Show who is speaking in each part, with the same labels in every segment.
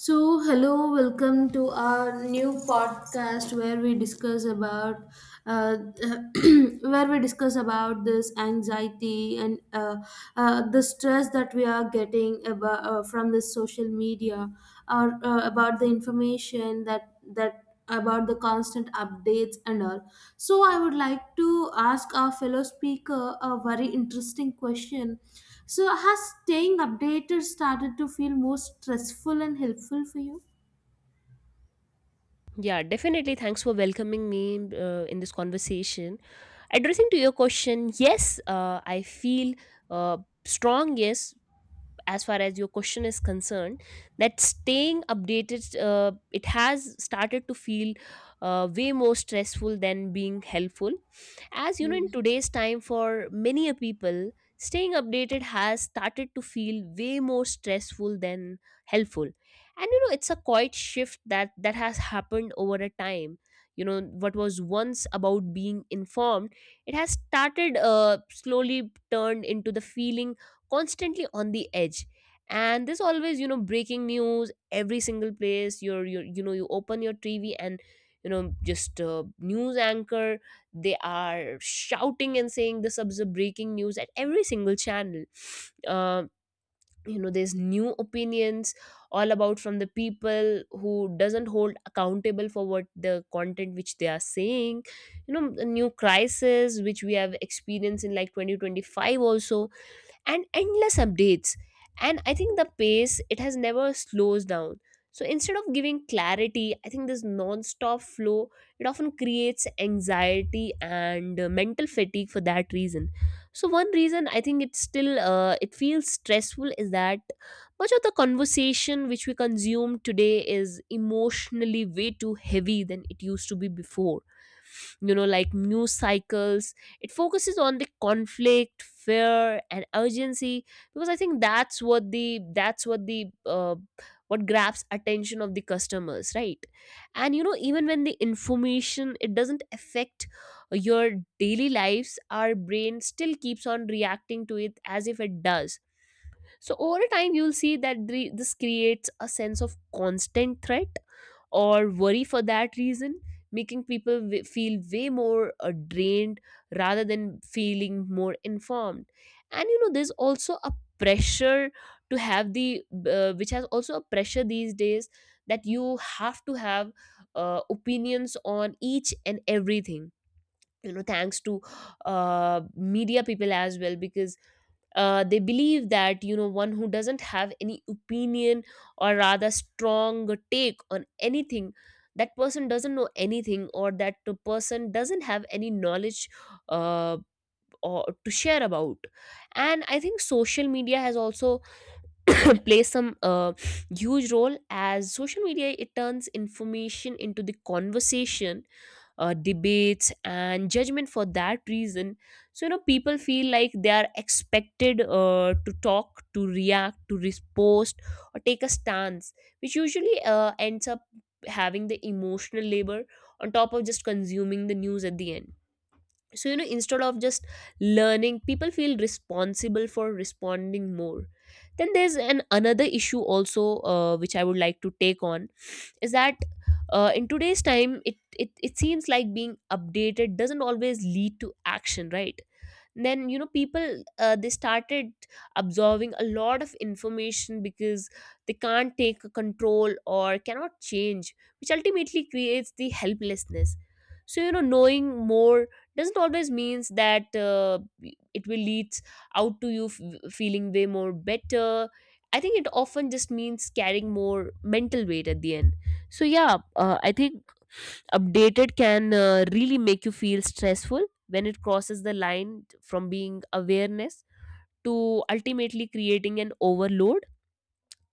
Speaker 1: So, hello, welcome to our new podcast where we discuss about uh, where we discuss about this anxiety and the stress that we are getting about from this social media or about the information that about the constant updates and all. So, I would like to ask our fellow speaker a very interesting question, so, has staying updated started to feel more stressful and helpful for you?
Speaker 2: Yeah, definitely. Thanks for welcoming me in this conversation. Addressing to your question, yes, I feel uh, strong, yes, as far as your question is concerned, that staying updated, it has started to feel way more stressful than being helpful. As you know, in today's time, for many a people, staying updated has started to feel way more stressful than helpful. And it's a quiet shift that has happened over a time. What was once about being informed, it has started slowly turned into the feeling constantly on the edge. And there's always, breaking news every single place. You open your TV and, just news anchor, they are shouting and saying this is a breaking news at every single channel. Uh, you know there's new opinions all about from the people who doesn't hold accountable for what the content which they are saying. A new crisis which we have experienced in like 2025 also, and endless updates, and I think the pace it has never slows down. So instead of giving clarity, I think this non-stop flow, it often creates anxiety and mental fatigue for that reason. So one reason I think it's still it feels stressful is that much of the conversation which we consume today is emotionally way too heavy than it used to be before. Like, news cycles, it focuses on the conflict, fear, and urgency because I think that's what the what grabs attention of the customers, right? And even when the information, it doesn't affect your daily lives, our brain still keeps on reacting to it as if it does. So over time, you'll see that this creates a sense of constant threat or worry for that reason, making people feel way more drained rather than feeling more informed. And there's also a pressure to have the which has also a pressure these days that you have to have opinions on each and everything. Thanks to media people as well, because they believe that one who doesn't have any opinion or rather strong take on anything, that person doesn't know anything or that the person doesn't have any knowledge uh, or to share about. And I think social media has also plays some huge role, as social media, it turns information into the conversation, debates and judgment for that reason. So people feel like they are expected to talk, to react, to riposte or take a stance, which usually ends up having the emotional labor on top of just consuming the news at the end. So instead of just learning, people feel responsible for responding more. Then there's an another issue also, which I would like to take on, is that in today's time, it seems like being updated doesn't always lead to action, right? Then people, they started absorbing a lot of information because they can't take a control or cannot change, which ultimately creates the helplessness. So knowing more doesn't always means that it will lead out to you feeling way more better. I think it often just means carrying more mental weight at the end. So yeah, I think updated can really make you feel stressful when it crosses the line from being awareness to ultimately creating an overload.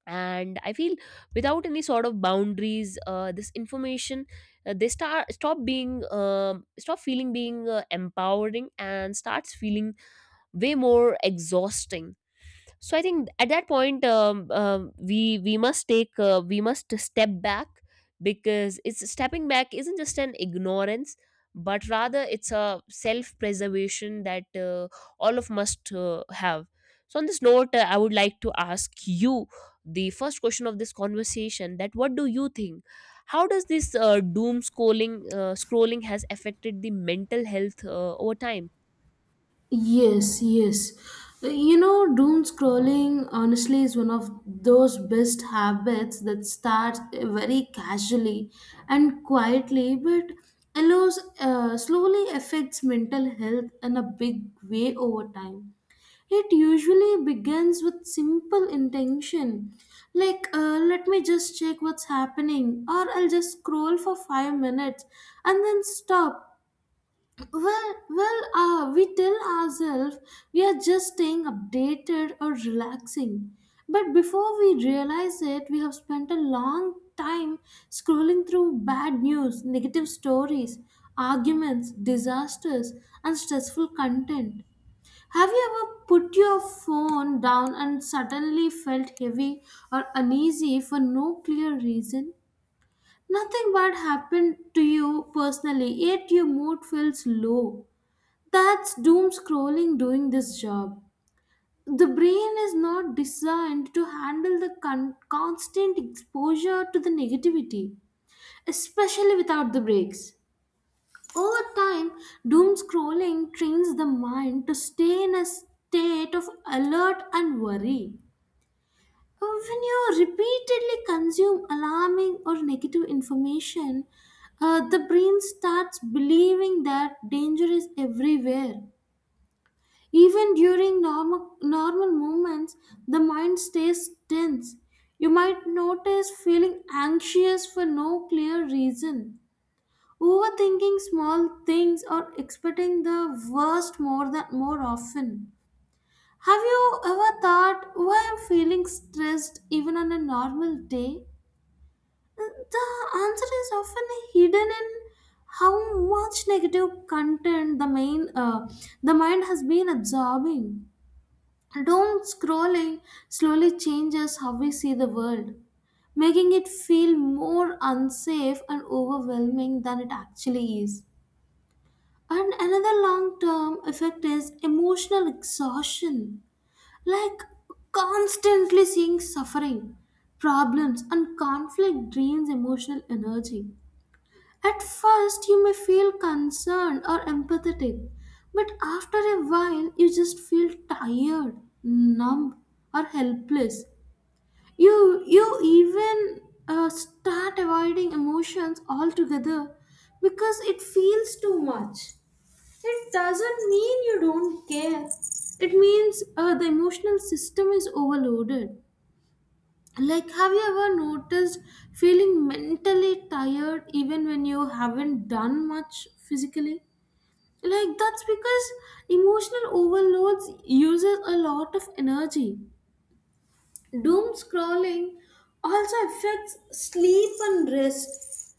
Speaker 2: And I feel without any sort of boundaries, this information, they start stop being stop feeling being empowering and starts feeling way more exhausting. So I think at that point, we must step back because it's stepping back isn't just an ignorance but rather it's a self preservation that all of must have. So on this note, I would like to ask you the first question of this conversation: that what do you think, how does this doom scrolling has affected the mental health over time?
Speaker 1: Yes, yes. You know, doom scrolling honestly is one of those best habits that starts very casually and quietly, but allows slowly affects mental health in a big way over time. It usually begins with simple intention, like let me just check what's happening, or I'll just scroll for 5 minutes and then stop. We tell ourselves we are just staying updated or relaxing. But before we realize it, we have spent a long time scrolling through bad news, negative stories, arguments, disasters, and stressful content. Have you ever put your phone down and suddenly felt heavy or uneasy for no clear reason? Nothing bad happened to you personally, yet your mood feels low. That's doom scrolling doing this job. The brain is not designed to handle the constant exposure to the negativity, especially without the breaks. Over time, doom scrolling trains the mind to stay in a state of alert and worry. When you repeatedly consume alarming or negative information, the brain starts believing that danger is everywhere. Even during normal movements, the mind stays tense. You might notice feeling anxious for no clear reason, overthinking small things, or expecting the worst more than more often. Have you ever thought, why I'm feeling stressed even on a normal day? The answer is often hidden in how much negative content the mind has been absorbing. Doom scrolling slowly changes how we see the world, making it feel more unsafe and overwhelming than it actually is. And another long term effect is emotional exhaustion, like constantly seeing suffering, problems, and conflict drains emotional energy. At first, you may feel concerned or empathetic, but after a while, you just feel tired, numb, or helpless. You even start avoiding emotions altogether because it feels too much. It doesn't mean you don't care, it means the emotional system is overloaded. Like, have you ever noticed feeling mentally tired even when you haven't done much physically? Like, that's because emotional overloads uses a lot of energy. Doom scrolling also affects sleep and rest.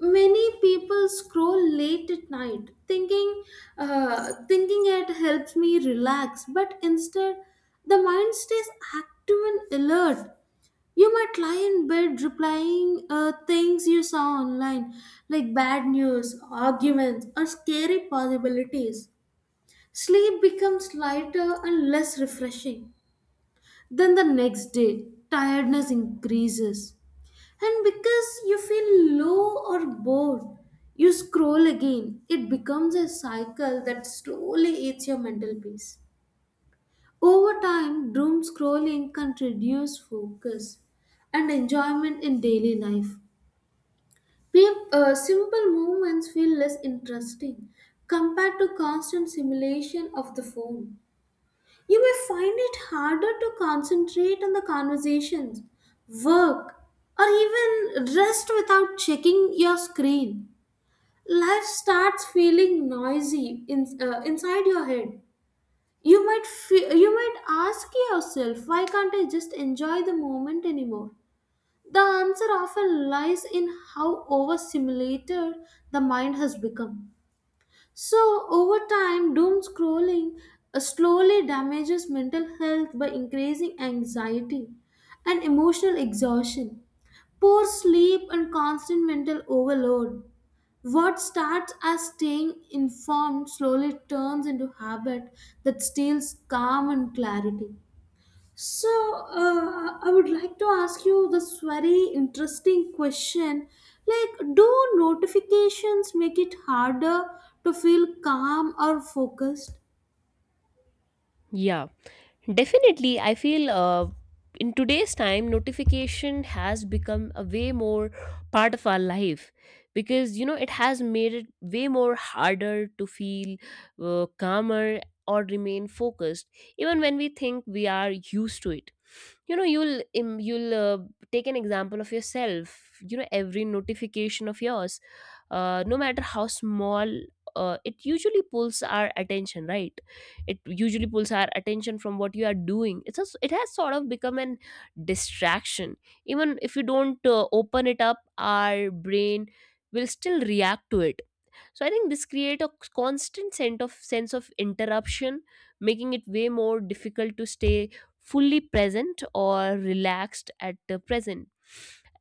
Speaker 1: Many people scroll late at night, thinking it helps me relax, but instead, the mind stays active and alert. You might lie in bed replying things you saw online, like bad news, arguments, or scary possibilities. Sleep becomes lighter and less refreshing. Then the next day, tiredness increases. And because you feel low or bored, you scroll again. It becomes a cycle that slowly eats your mental peace. Over time, doom scrolling can reduce focus and enjoyment in daily life. Simple movements feel less interesting compared to constant simulation of the phone. You may find it harder to concentrate on the conversations, work, or even rest without checking your screen. Life starts feeling noisy inside your head. You might ask yourself, why can't I just enjoy the moment anymore? The answer often lies in how overstimulated the mind has become. So, over time, doom scrolling slowly damages mental health by increasing anxiety and emotional exhaustion, poor sleep, and constant mental overload. What starts as staying informed slowly turns into habit that steals calm and clarity. So, I would like to ask you this very interesting question. Like, do notifications make it harder to feel calm or focused?
Speaker 2: Yeah. Definitely, I feel, in today's time, notification has become a way more part of our life because it has made it way more harder to feel calmer or remain focused, even when we think we are used to it. You'll take an example of yourself. Every notification of yours, no matter how small, it usually pulls our attention, right. It usually pulls our attention from what you are doing. It has sort of become an distraction. Even if you don't open it up, our brain will still react to it. So I think this create a constant sense of interruption, making it way more difficult to stay fully present or relaxed at the present.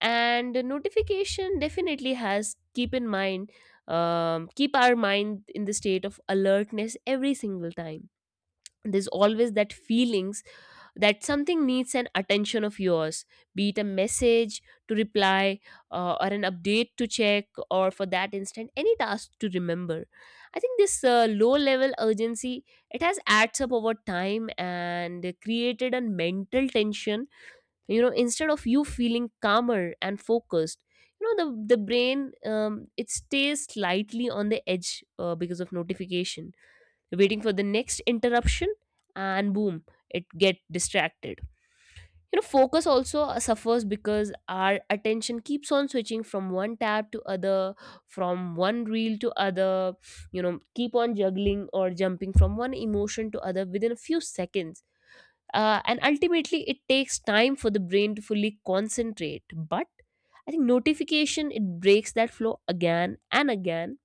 Speaker 2: And the notification definitely has keep our mind in the state of alertness every single time. There's always that feelings that something needs an attention of yours, be it a message to reply, or an update to check, or for that instant any task to remember. I think this low level urgency, it has adds up over time and created a mental tension. Instead of you feeling calmer and focused, the brain, it stays slightly on the edge, because of notification, waiting for the next interruption, and boom, it get distracted. Focus also suffers because our attention keeps on switching from one tab to other, from one reel to other, keep on juggling or jumping from one emotion to other within a few seconds, and ultimately it takes time for the brain to fully concentrate. But I think notification, it breaks that flow again and again,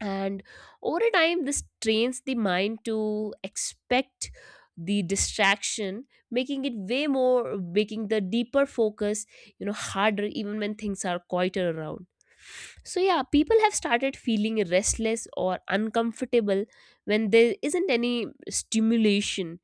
Speaker 2: and over a time, this trains the mind to expect the distraction, making it way more making the deeper focus, harder, even when things are quieter around. So yeah, people have started feeling restless or uncomfortable when there isn't any stimulation.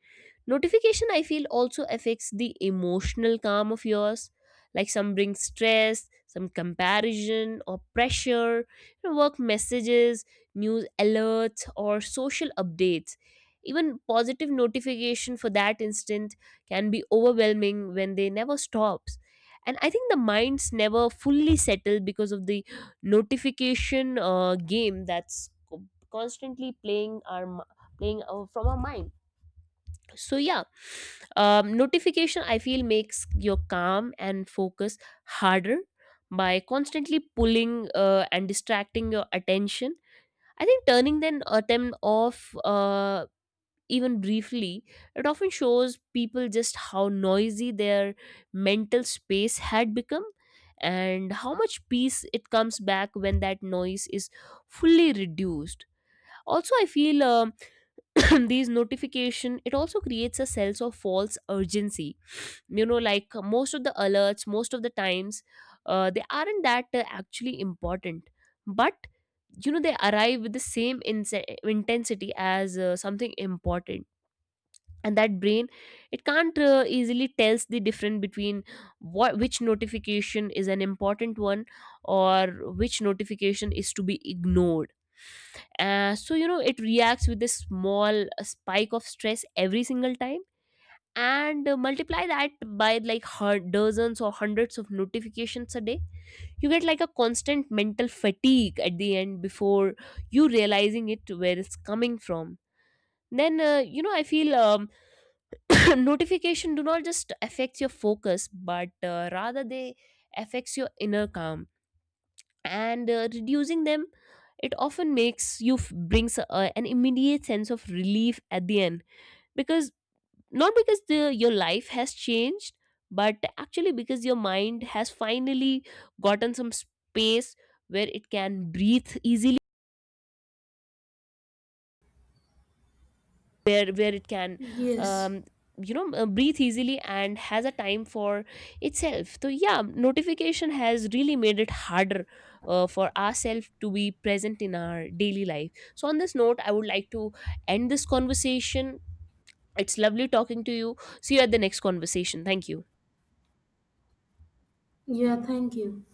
Speaker 2: Notification, I feel, also affects the emotional calm of yours. Like some bring stress, some comparison or pressure, work messages, news alerts, or social updates. Even positive notification for that instant can be overwhelming when they never stops. And I think the minds never fully settle because of the notification game that's constantly playing from our mind. So yeah, notification, I feel, makes your calm and focus harder by constantly pulling, and distracting your attention. I think turning then them off, even briefly, it often shows people just how noisy their mental space had become and how much peace it comes back when that noise is fully reduced. Also, I feel, these notification, it also creates a sense of false urgency. Like, most of the alerts, most of the times, they aren't that actually important. But they arrive with the same intensity as something important, and that brain, it can't easily tells the difference between what which notification is an important one, or which notification is to be ignored. So it reacts with a small spike of stress every single time. And multiply that by like dozens or hundreds of notifications a day, you get like a constant mental fatigue at the end before you realizing it where it's coming from. Then I feel, notification do not just affects your focus but rather, they affects your inner calm. And reducing them, it often brings an immediate sense of relief at the end, because, not because the your life has changed, but actually because your mind has finally gotten some space where it can breathe easily, where it can
Speaker 1: Yes.
Speaker 2: um, breathe easily and has a time for itself. So yeah, notification has really made it harder for ourselves to be present in our daily life. So on this note, I would like to end this conversation. It's lovely talking to you. See you at the next conversation. Thank you.
Speaker 1: Yeah, thank you.